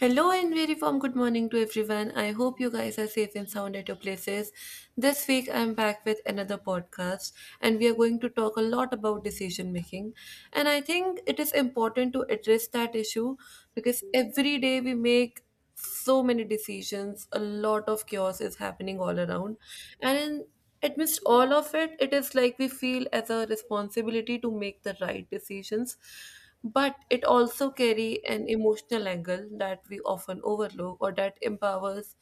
Hello and very warm good morning to everyone. I hope you guys are safe and sound at your places. This week I'm back with another podcast and we are going to talk a lot about decision making. And I think it is important to address that issue because every day we make so many decisions. A lot of chaos is happening all around and amidst all of it, it is like we feel as a responsibility to make the right decisions, but it also carry an emotional angle that we often overlook or that empowers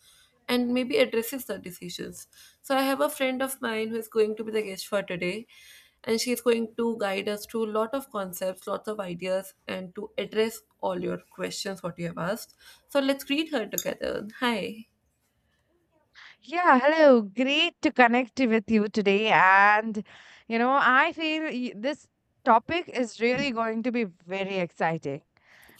and maybe addresses the decisions. So I have a friend of mine who is going to be the guest for today, and she is going to guide us through a lot of concepts, lots of ideas, and to address all your questions what you have asked. So let's greet her together. Hi. Yeah, hello. Great to connect with you today. And, I feel this topic is really going to be very exciting,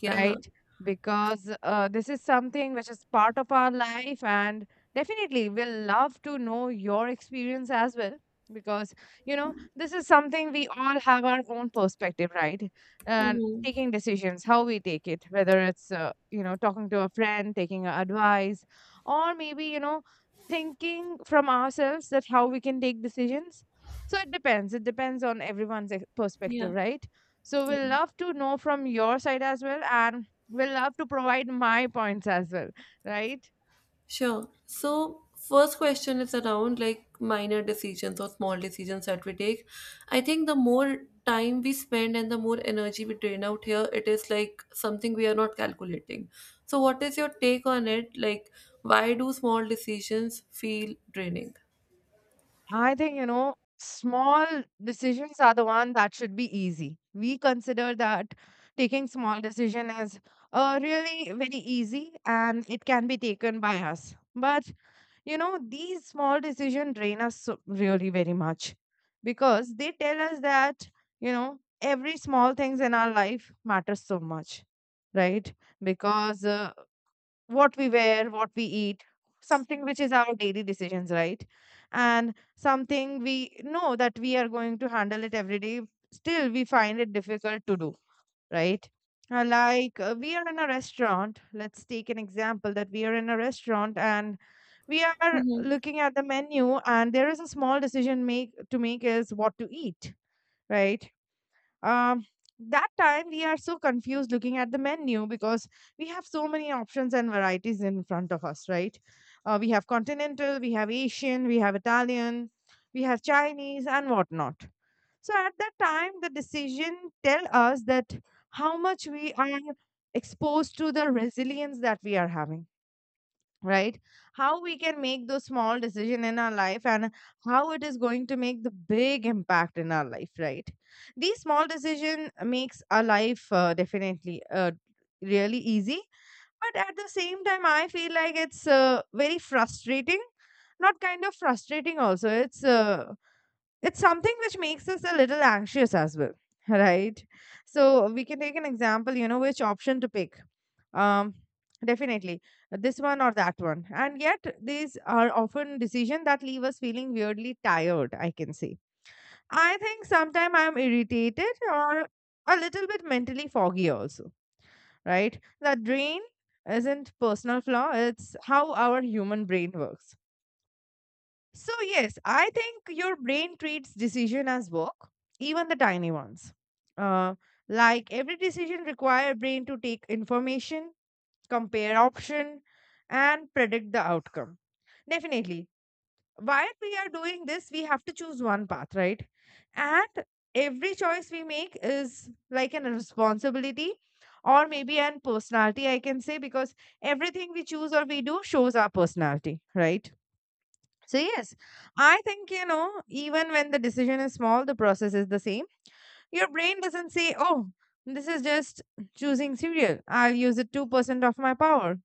Yeah. right? Because this is something which is part of our life, and definitely we'll love to know your experience as well. Because, this is something we all have our own perspective, right? And Hmm. taking decisions, how we take it, whether it's, talking to a friend, taking a advice, or maybe, thinking from ourselves that how we can take decisions. So it depends on everyone's Yeah. perspective, right? So Yeah. we'll love to know from your side as well, and we'll love to provide my points as well, right? Sure. So, first question is around like minor decisions or small decisions that we take. I think the more time we spend and the more energy we drain out here, it is like something we are not calculating. So, what is your take on it? Like, why do small decisions feel draining? I think small decisions are the one that should be easy. We consider that taking small decision is really very easy, and it can be taken by us. But these small decisions drain us really very much, because they tell us that every small things in our life matters so much, right? Because what we wear, what we eat, something which is our daily decisions, right? And something we know that we are going to handle it every day, still we find it difficult to do, right? Like we are in a restaurant. Let's take an example that we are in a restaurant, and we are Mhm. looking at the menu, and there is a small decision make to make is what to eat, right? Um, that time we are so confused looking at the menu, because we have so many options and varieties in front of us, right? We have continental, we have Asian, we have Italian, we have Chinese, and whatnot. So at that time, the decision tell us that how much we are exposed to the resilience that we are having, right? How we can make those small decision in our life, and how it is going to make the big impact in our life, right? These small decision makes our life definitely really easy, but at the same time, I feel like it's very frustrating. Not kind of frustrating also. It's something which makes us a little anxious as well. Right? So we can take an example, which option to pick, um definitely, this one or that one. And yet, these are often decisions that leave us feeling weirdly tired, I can say. I think sometimes I'm irritated or a little bit mentally foggy also, right? That drain isn't personal flaw, it's how our human brain works. So, yes, I think your brain treats decision as work, even the tiny ones. Uh, like every decision require brain to take information, compare option, and predict the outcome. Definitely. While we are doing this, we have to choose one path, right? And every choice we make is like an responsibility or maybe an personality, I can say, because everything we choose or we do shows our personality, right? So, yes, I think, even when the decision is small, the process is the same. Your brain doesn't say, oh, this is just choosing cereal. I'll use it 2% of my power.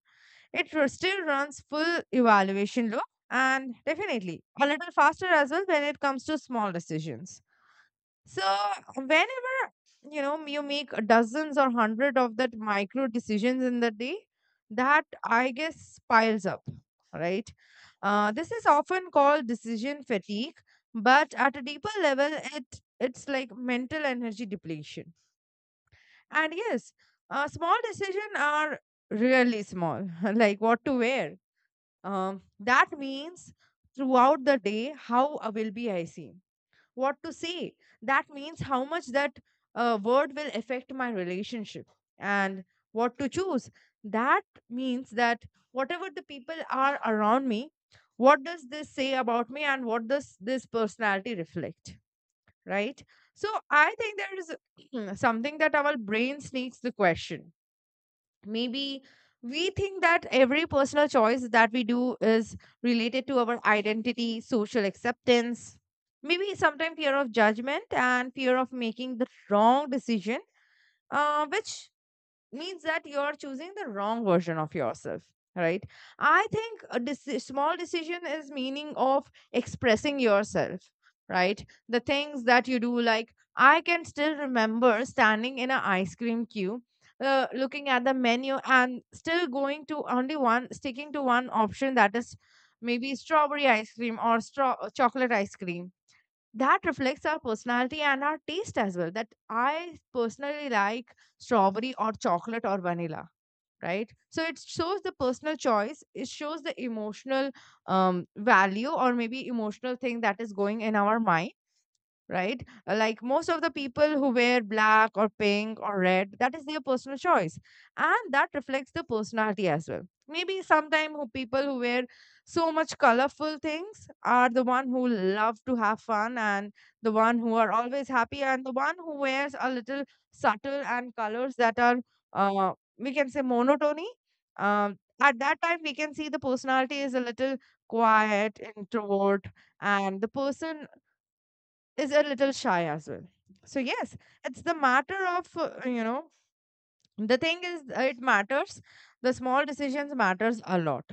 It still runs full evaluation loop, and definitely a little faster as well when it comes to small decisions. So whenever you make dozens or hundred of that micro decisions in the day, that I guess piles up, right? This is often called decision fatigue, but at a deeper level, it's like mental energy depletion. And yes, small decisions are really small, like what to wear. That means throughout the day, how will be I see what to say. That means how much that word will affect my relationship, and what to choose. That means that whatever the people are around me, what does this say about me, and what does this personality reflect? Right? So I think there is something that our brain sneaks the question. Maybe we think that every personal choice that we do is related to our identity, social acceptance, maybe sometimes fear of judgment and fear of making the wrong decision, which means that you're choosing the wrong version of yourself, right? I think a small decision is meaning of expressing yourself, right? The things that you do, like, I can still remember standing in an ice cream queue, looking at the menu and still going to only one, sticking to one option, that is maybe strawberry ice cream or straw chocolate ice cream, that reflects our personality and our taste as well, that I personally like strawberry or chocolate or vanilla, right? So it shows the personal choice, it shows the emotional value, or maybe emotional thing that is going in our mind, right? Like most of the people who wear black or pink or red, that is their personal choice. And that reflects the personality as well. Maybe sometime, who people who wear so much colorful things are the one who love to have fun, and the one who are always happy, and the one who wears a little subtle and colors that are uh, we can say monotony. At that time, we can see the personality is a little quiet, introvert, and the person is a little shy as well. So yes, it's the matter of the thing is, it matters, the small decisions matters a lot.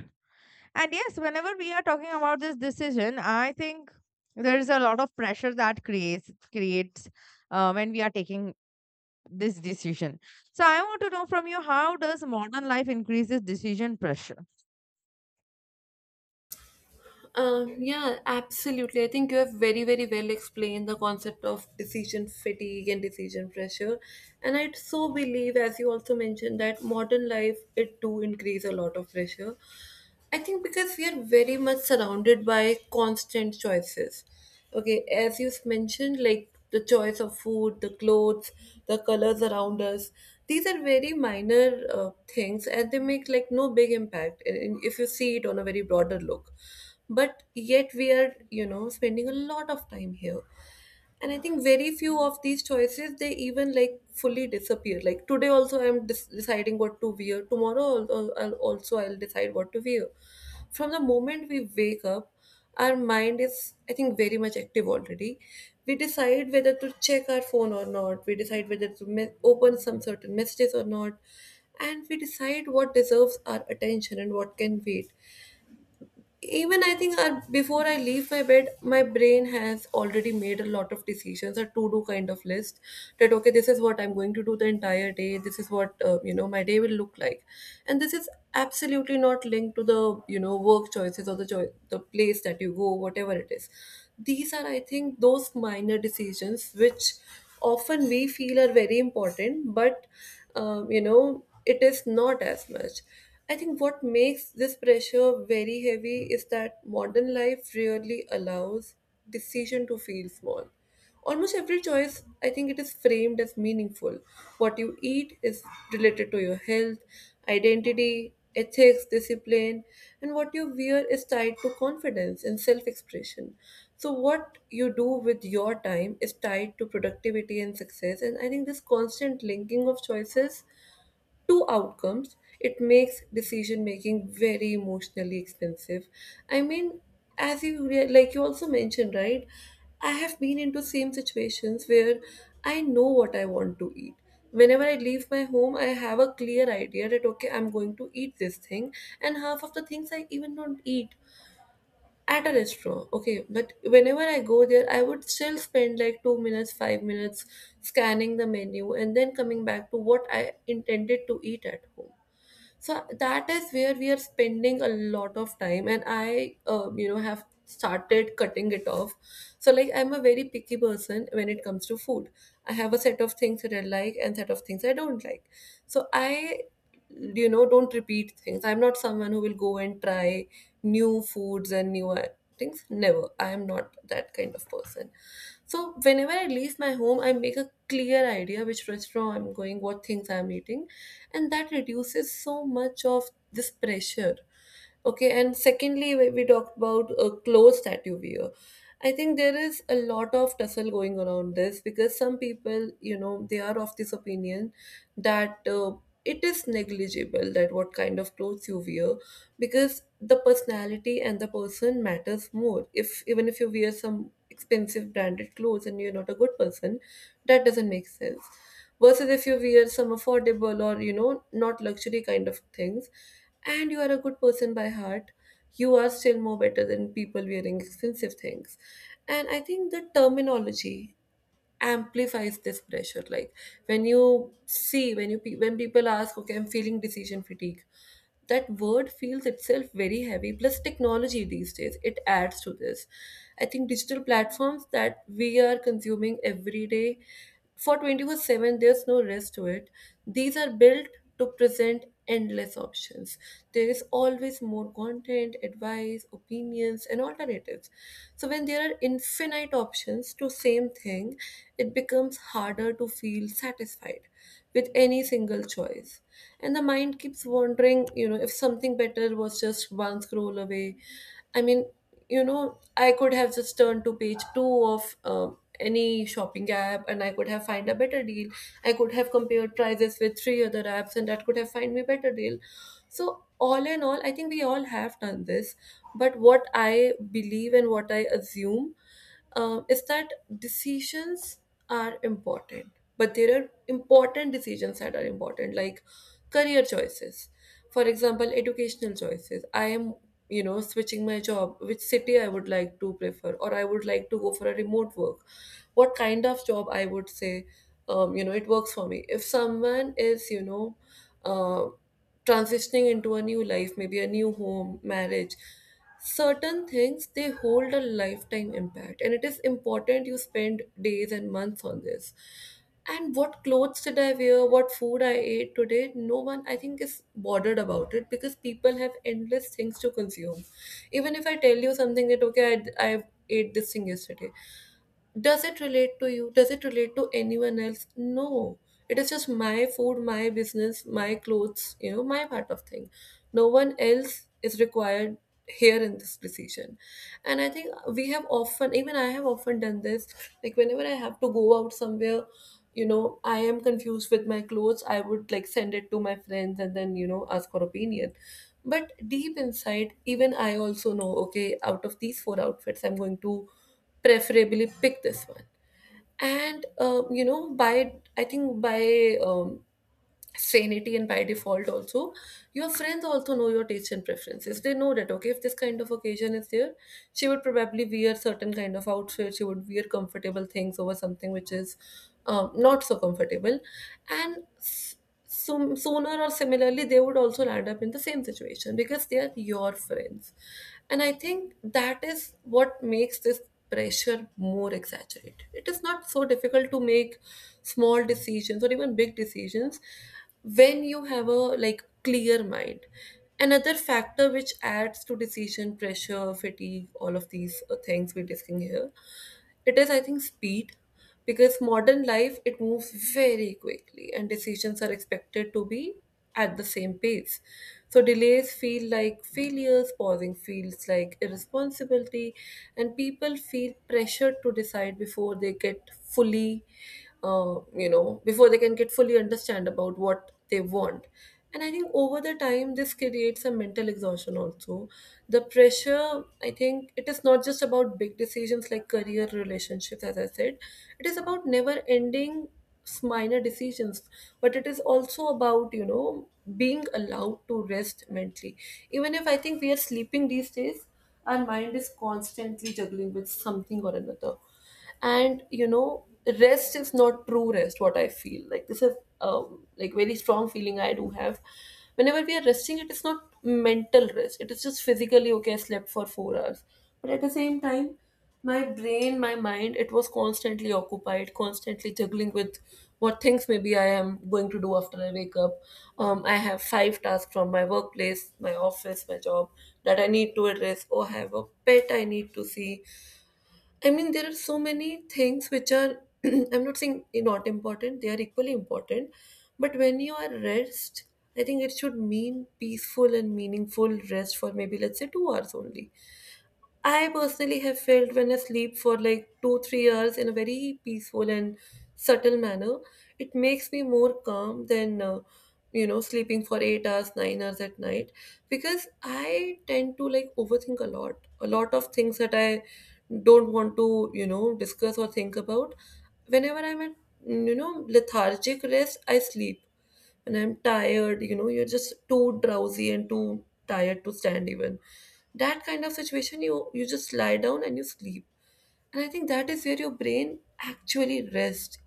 And yes, whenever we are talking about this decision, I think there is a lot of pressure that creates when we are taking this decision. So I want to know from you, how does modern life increase this decision pressure? Yeah, absolutely. I think you have very, very well explained the concept of decision fatigue and decision pressure. And I so believe, as you also mentioned, that modern life it do increase a lot of pressure. I think because we are very much surrounded by constant choices. Okay, as you've mentioned, like the choice of food, the clothes, the colors around us, these are very minor things, and they make like no big impact if you see it on a very broader look. But yet we are spending a lot of time here, and I think very few of these choices they even like fully disappear. Like today also I'm deciding what to wear tomorrow, also I'll decide what to wear. From the moment we wake up, our mind is, I think, very much active already. We decide whether to check our phone or not, we decide whether to open some certain messages or not, and we decide what deserves our attention and what can wait. Even I think, before I leave my bed my brain has already made a lot of decisions, a to do kind of list, that okay, this is what I'm going to do the entire day, this is what, my day will look like. And this is absolutely not linked to the, work choices or the place that you go, whatever it is. These are, I think, those minor decisions which often we feel are very important, but it is not as much. I think what makes this pressure very heavy is that modern life really allows decision to feel small. Almost every choice, I think, it is framed as meaningful. What you eat is related to your health, identity, ethics, discipline, and what you wear is tied to confidence and self expression. So, what you do with your time is tied to productivity and success. And I think this constant linking of choices two outcomes, it makes decision making very emotionally expensive. I mean, as you like you also mentioned, right? I have been into same situations where I know what I want to eat. Whenever I leave my home, I have a clear idea that okay, I'm going to eat this thing, and half of the things I even don't eat at a restaurant. Okay, but whenever I go there, I would still spend like 2 minutes, 5 minutes scanning the menu, and then coming back to what I intended to eat at home. So that is where we are spending a lot of time, and I, have started cutting it off. So like I'm a very picky person when it comes to food. I have a set of things that I like and set of things I don't like. So I, don't repeat things. I'm not someone who will go and try new foods and new things, never. I am not that kind of person. So whenever I leave my home, I make a clear idea which restaurant I'm going, what things I'm eating, and that reduces so much of this pressure. Okay, and secondly, we talked about clothes that you wear. I think there is a lot of tussle going around this because some people, you know, they are of this opinion that, it is negligible that what kind of clothes you wear, because the personality and the person matters more. If even if you wear some expensive branded clothes and you're not a good person, that doesn't make sense, versus if you wear some affordable or, not luxury kind of things, and you are a good person by heart, you are still more better than people wearing expensive things. And I think the terminology amplifies this pressure. Like when you see, when people ask, okay, I'm feeling decision fatigue, that word feels itself very heavy. Plus technology these days it adds to this. I think digital platforms that we are consuming every day for 24/7, there's no rest to it. These are built to present endless options. There is always more content, advice, opinions, and alternatives. So when there are infinite options to same thing, it becomes harder to feel satisfied with any single choice. And the mind keeps wondering, if something better was just one scroll away. I mean, I could have just turned to page 2 of any shopping app, and I could have find a better deal. I could have compared prices with three other apps and that could have find me better deal. So all in all, I think we all have done this. But what I believe and what I assume, is that decisions are important, but there are important decisions that are important, like career choices, for example educational choices. I am, switching my job, which city I would like to prefer, or I would like to go for a remote work, what kind of job I would say, it works for me. If someone is, uh, transitioning into a new life, maybe a new home, marriage, certain things they hold a lifetime impact, and it is important you spend days and months on this. And what clothes did I wear, what food I ate today, no one I think is bothered about it because people have endless things to consume. Even if I tell you something that okay, I ate this thing yesterday, does it relate to you? Does it relate to anyone else? No. It is just my food, my business, my clothes, my part of thing. No one else is required here in this decision. And I think we have often, even I have often done this, like whenever I have to go out somewhere, I am confused with my clothes, I would like send it to my friends and then ask for opinion, but deep inside, even I also know, okay, out of these four outfits, I'm going to preferably pick this one. And, by, I think by sanity and by default also, your friends also know your taste and preferences. They know that okay, if this kind of occasion is there, she would probably wear certain kind of outfit, she would wear comfortable things over something which is not so comfortable, and soon, sooner or similarly they would also land up in the same situation because they are your friends. And I think that is what makes this pressure more exaggerated. It is not so difficult to make small decisions or even big decisions when you have a like clear mind. Another factor which adds to decision pressure, fatigue, all of these things we're discussing here, it is, I think, speed, because modern life it moves very quickly and decisions are expected to be at the same pace. So delays feel like failures, pausing feels like irresponsibility, and people feel pressured to decide before they get fully before they can get fully understand about what they want. And I think over the time this creates a mental exhaustion also. The pressure, I think, it is not just about big decisions like career, relationships, as I said, it is about never ending minor decisions, but it is also about, you know, being allowed to rest mentally. Even if, I think, we are sleeping these days, our mind is constantly juggling with something or another. And, you know, rest is not true rest, what I feel like. This is like very strong feeling I do have. Whenever we are resting, it is not mental rest, it is just physically okay, I slept for 4 hours, but at the same time, my brain, my mind, it was constantly occupied, constantly juggling with what things maybe I am going to do after I wake up. I have five tasks from my workplace, my office, my job, that I need to address. Oh, I have a pet, I need to see. I mean, there are so many things which are, I'm not saying not important, they are equally important. But when you are rest, I think it should mean peaceful and meaningful rest for, maybe, let's say, 2 hours only. I personally have felt when I sleep for like two, 3 hours in a very peaceful and subtle manner, it makes me more calm than, you know, sleeping for 8 hours, 9 hours at night, because I tend to like overthink a lot. A lot of things that I don't want to, you know, discuss or think about. Whenever I'm at, you know, lethargic rest, I sleep and I'm tired. You know, you're just too drowsy and too tired to stand even. That kind of situation, you just lie down and you sleep. And I think that is where your brain actually rests.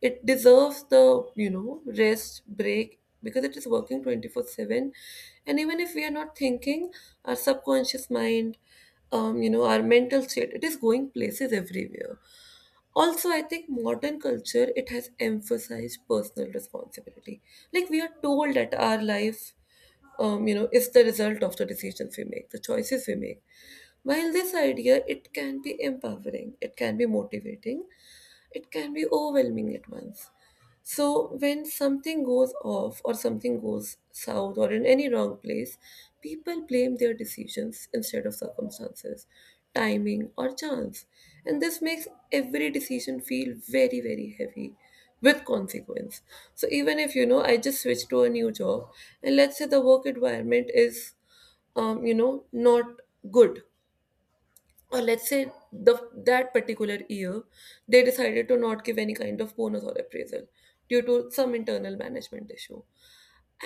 It deserves the, you know, rest break, because it is working 24/7. And even if we are not thinking, our subconscious mind, you know, our mental state, it is going places everywhere. Also, I think modern culture it has emphasized personal responsibility. Like, we are told that our life, you know, is the result of the decisions we make, the choices we make. While this idea, it can be empowering, it can be motivating, it can be overwhelming at once. So when something goes off, or something goes south, or in any wrong place, people blame their decisions instead of circumstances, timing or chance. And this makes every decision feel very, very heavy with consequence. So, even if, you know, I just switched to a new job, and let's say the work environment is you know, not good, or let's say the that particular year they decided to not give any kind of bonus or appraisal due to some internal management issue,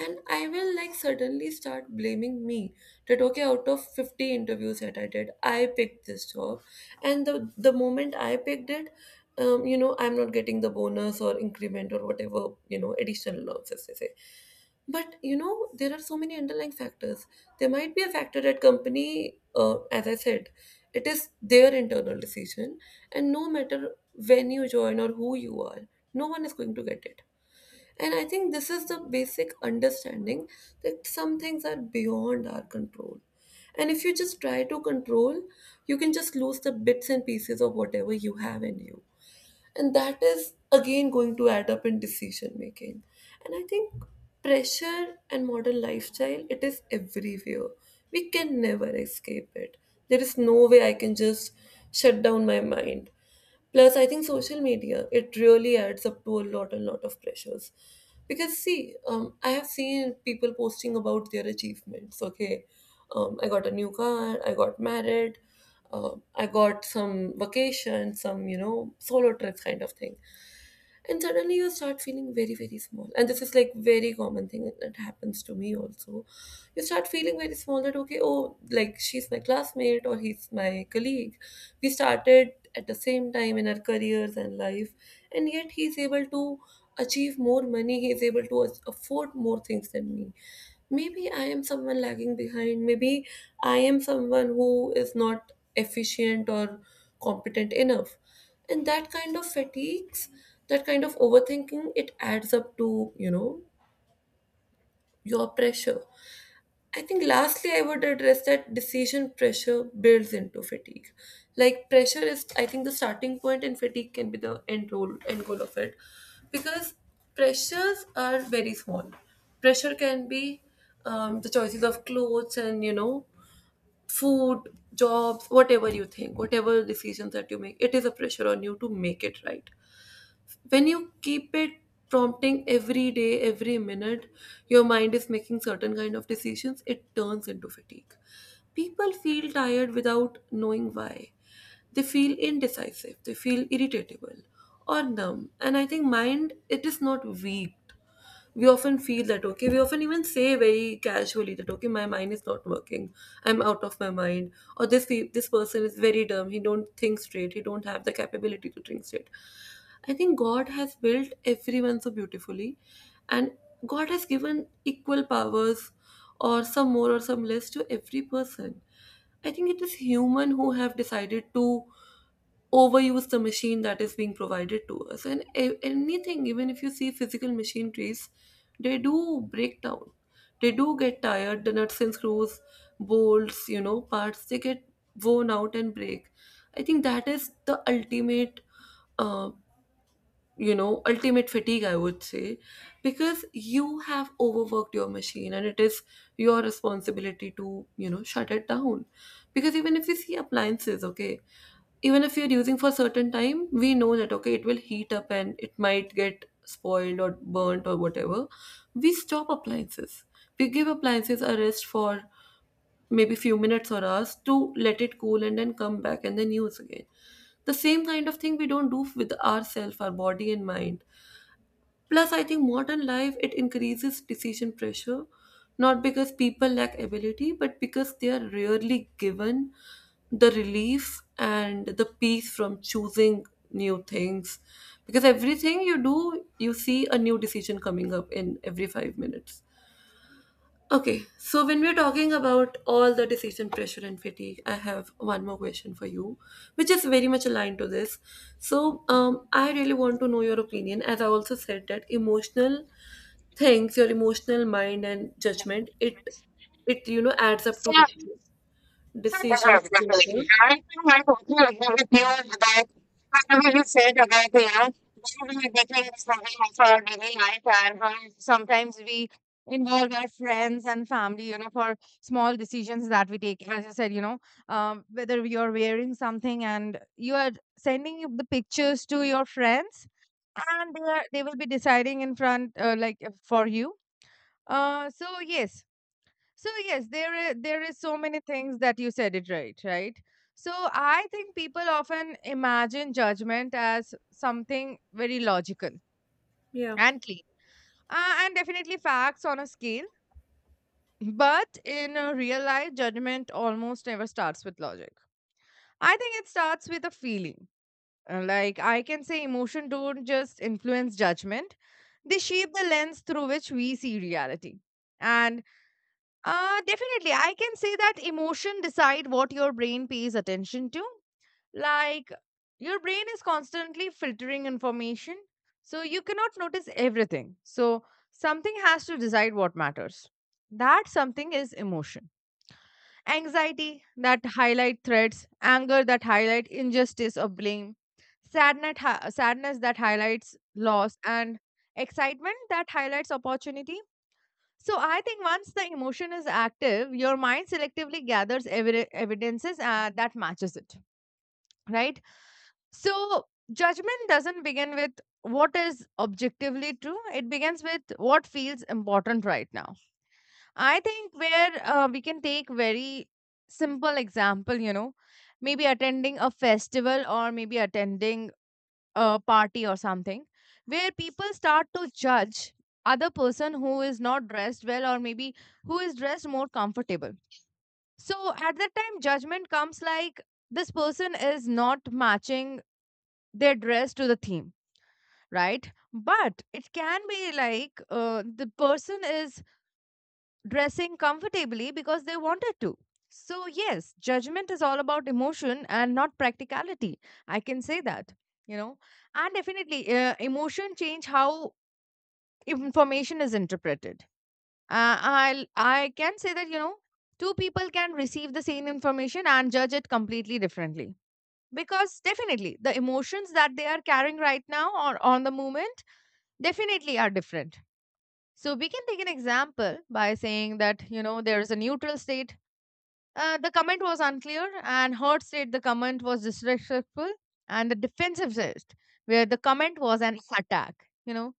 and I will like suddenly start blaming me that okay, out of 50 interviews that I did, I picked this job, and the moment I picked it, you know, I'm not getting the bonus or increment or whatever, you know, additional allowances they say. But you know, there are so many underlying factors. There might be a factor at company, as I said, it is their internal decision, and no matter when you join or who you are, no one is going to get it. And I think this is the basic understanding that some things are beyond our control. And if you just try to control, you can just lose the bits and pieces of whatever you have in you, and that is again going to add up in decision making. And I think pressure and modern lifestyle, it is everywhere. We can never escape it. There is no way I can just shut down my mind. Plus, I think social media it really adds up to a lot of pressures. Because, see, I have seen people posting about their achievements. Okay, I got a new car, I got married, I got some vacation, some, you know, solo trips kind of thing, and suddenly you start feeling very, very small, and this is like very common thing that happens to me also. You start feeling very small that okay, oh, like she's my classmate or he's my colleague, we started at the same time in our careers and life, and yet he's able to achieve more money, he's able to afford more things than me. Maybe I am someone lagging behind. Maybe I am someone who is not efficient or competent enough. And that kind of fatigues, that kind of overthinking, it adds up to, you know, your pressure. I think lastly, I would address that decision pressure builds into fatigue. Like, pressure is, I think, the starting point, and fatigue can be the end goal of it, because pressures are very small. Pressure can be the choices of clothes and, you know, food, jobs, whatever you think, whatever decisions that you make. It is a pressure on you to make it right. When you keep it prompting every day, every minute, your mind is making certain kind of decisions, it turns into fatigue. People feel tired without knowing why. They feel indecisive, they feel irritable or numb. And I think mind, it is not weak. We often feel that okay, we often even say very casually that okay, my mind is not working, I'm out of my mind, or this person is very dumb, he don't think straight, he don't have the capability to think straight. I think God has built everyone so beautifully, and God has given equal powers, or some more or some less, to every person. I think it is human who have decided to overuse the machine that is being provided to us. And anything, even if you see physical machineries, they do break down. They do get tired. The nuts and screws, bolts, you know, parts, they get worn out and break. I think that is the ultimate, uh, you know, ultimate fatigue, I would say, because you have overworked your machine and it is your responsibility to, you know, shut it down. Because, even if you see appliances, okay, even if you're using for a certain time, we know that okay, it will heat up and it might get spoiled or burnt or whatever, we stop appliances, we give appliances a rest for maybe few minutes or hours to let it cool, and then come back and then use again. The same kind of thing we don't do with ourself, our body and mind. Plus, I think modern life it increases decision pressure, not because people lack ability, but because they are rarely given the relief and the peace from choosing new things. Because everything you do, you see a new decision coming up in every 5 minutes. Okay, so when we're talking about all the decision pressure and fatigue, I have one more question for you, which is very much aligned to this. So, I really want to know your opinion. As I also said, that emotional things, your emotional mind and judgment, it it adds up to decision pressure. So will just say that, like, how we are getting something of our daily life, and how sometimes we involve our friends and family, for small decisions that we take. As I said, whether you're wearing something and you are sending the pictures to your friends, and they will be deciding in front, for you. Uh, so, yes, so yes, there there is so many things that you said it right, right? So I think people often imagine judgment as something very logical Yeah. and clean, and definitely facts on a scale. But in a real life, judgment almost never starts with logic. I think it starts with a feeling. Like I can say, emotion don't just influence judgment; they shape the lens through which we see reality. And definitely. I can say that emotion decide what your brain pays attention to. Like your brain is constantly filtering information, so you cannot notice everything. So something has to decide what matters. That something is emotion. Anxiety that highlight threats, anger that highlight injustice or blame, sadness, sadness that highlights loss, and excitement that highlights opportunity. So I think once the emotion is active, your mind selectively gathers evidences that matches it, right? So judgment doesn't begin with what is objectively true. It begins with what feels important right now. I think where we can take very simple example, maybe attending a festival or maybe attending a party or something, where people start to judge other person who is not dressed well, or maybe who is dressed more comfortable. So at that time, judgment comes like this person is not matching their dress to the theme, right? But it can be like, the person is dressing comfortably because they wanted to. So, yes, judgment is all about emotion and not practicality. I can say that, you know, and definitely emotion change how information is interpreted. I can say that, two people can receive the same information and judge it completely differently. Because definitely the emotions that they are carrying right now or on the moment definitely are different. So we can take an example by saying that, there is a neutral state. The comment was unclear, and Hurt said the comment was disrespectful, and the defensivist, where the comment was an attack. You know,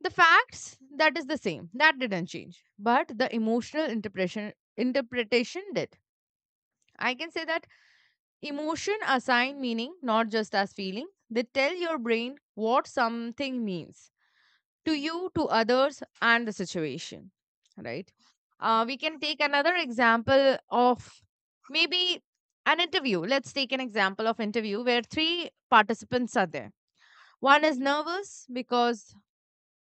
the facts that is the same. That didn't change, but the emotional interpretation did. I can say that emotion assign meaning, not just as feeling. They tell your brain what something means to you, to others, and the situation, right? We can take another example of maybe an interview. Let's take an example of interview where three participants are there. One is nervous because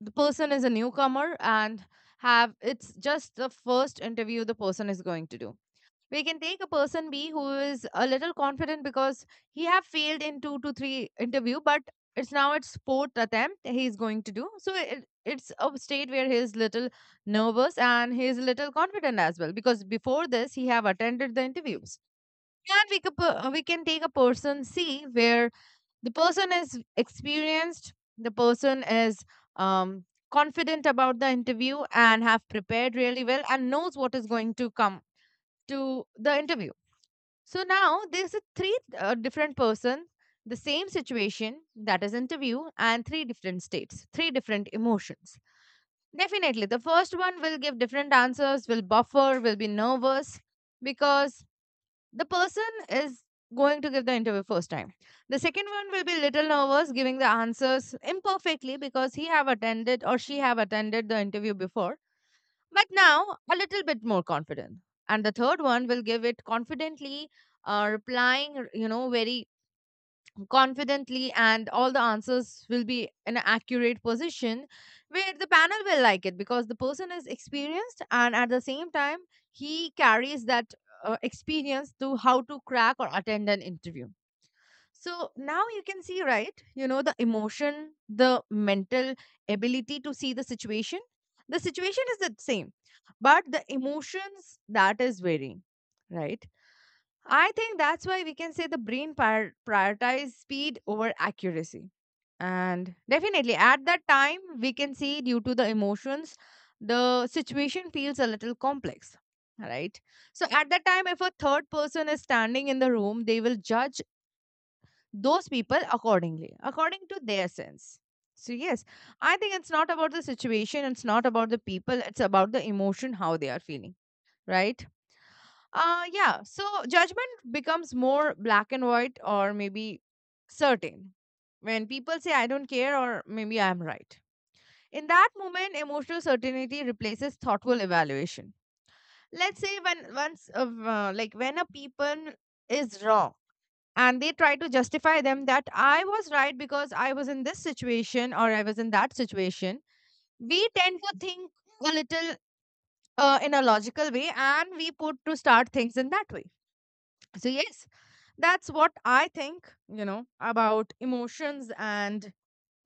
the person is a newcomer and have, it's just the first interview the person is going to do. We can take a person B who is a little confident, because he have failed in two to three interview, but it's now it's fourth attempt he is going to do. So it's a state where he is little nervous and he is little confident as well, because before this, he have attended the interviews. And we can take a person C, where the person is experienced, the person is um, confident about the interview, and have prepared really well, and knows what is going to come to the interview. So now there's a three different person, the same situation that is interview, and three different states, three different emotions. Definitely the first one will give different answers, will buffer, will be nervous, because the person is going to give the interview first time. The second one will be little nervous giving the answers imperfectly, because he have attended or she have attended the interview before, but now, a little bit more confident. And the third one will give it confidently, replying, very confidently, and all the answers will be in an accurate position where the panel will like it, because the person is experienced, and at the same time, he carries that experience to how to crack or attend an interview. So now you can see, right? The emotion, the mental ability to see the situation. The situation is the same, but the emotions that is varying, right? I think that's why we can say the brain prioritize speed over accuracy. And definitely at that time, we can see, due to the emotions, the situation feels a little complex, right? So at that time, if a third person is standing in the room, they will judge those people accordingly, according to their sense. So, yes, I think it's not about the situation, it's not about the people, it's about the emotion, how they are feeling, right? Yeah, so judgment becomes more black and white, or maybe certain. When people say, I don't care, or maybe I'm right. In that moment, emotional certainty replaces thoughtful evaluation. Let's say when once, like when a people is wrong, and they try to justify them that I was right because I was in this situation or I was in that situation, we tend to think a little in a logical way, and we put to start things in that way. So yes, that's what I think, about emotions, and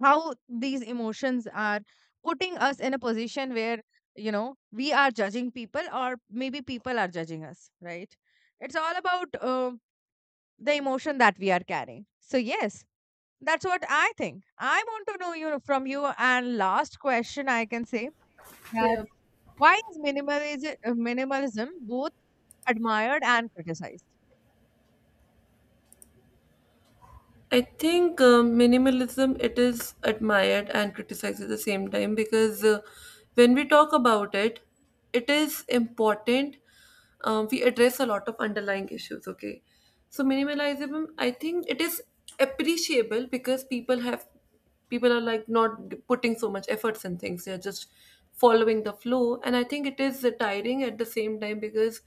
how these emotions are putting us in a position where we are judging people or maybe people are judging us, right? It's all about the emotion that we are carrying. So yes, that's what I think. I want to know you from you. And last question I can say that, Yeah. why is minimalism both admired and criticized? I think minimalism it is admired and criticized at the same time because, when we talk about it, it is important. We address a lot of underlying issues. Okay, so minimalism, I think, it is appreciable because people are like not putting so much efforts in things, they're just following the flow. And I think it is tiring at the same time, because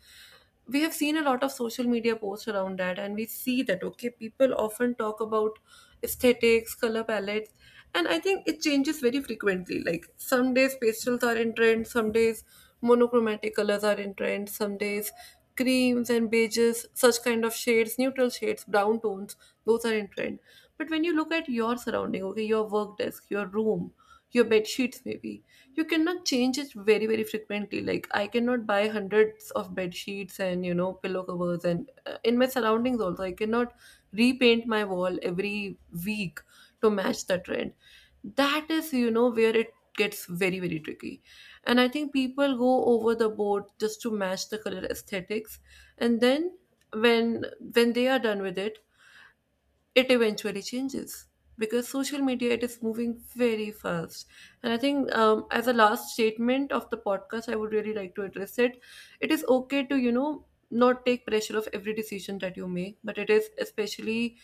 we have seen a lot of social media posts around that, and we see that okay, people often talk about aesthetics, color palettes. And I think it changes very frequently, like some days pastels are in trend, some days monochromatic colors are in trend, some days creams and beiges, such kind of shades, neutral shades, brown tones, those are in trend. But when you look at your surrounding, okay, your work desk, your room, your bed sheets maybe, you cannot change it very, very frequently. Like I cannot buy hundreds of bed sheets and, you know, pillow covers, and, in my surroundings also, I cannot repaint my wall every week to match the trend. That is, you know, where it gets very, very tricky. And I think people go over the board just to match the color aesthetics. And then, when when they are done with it, it eventually changes because social media it is moving very fast. And I think, as a last statement of the podcast, I would really like to address it, it is okay to, you know, not take pressure of every decision that you make, but it is especially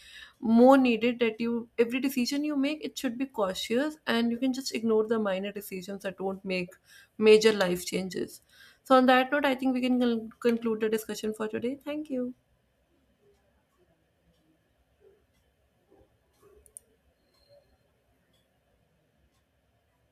more needed that you, every decision you make, it should be cautious, and you can just ignore the minor decisions that don't make major life changes. So on that note, I think we can conclude the discussion for today. Thank you.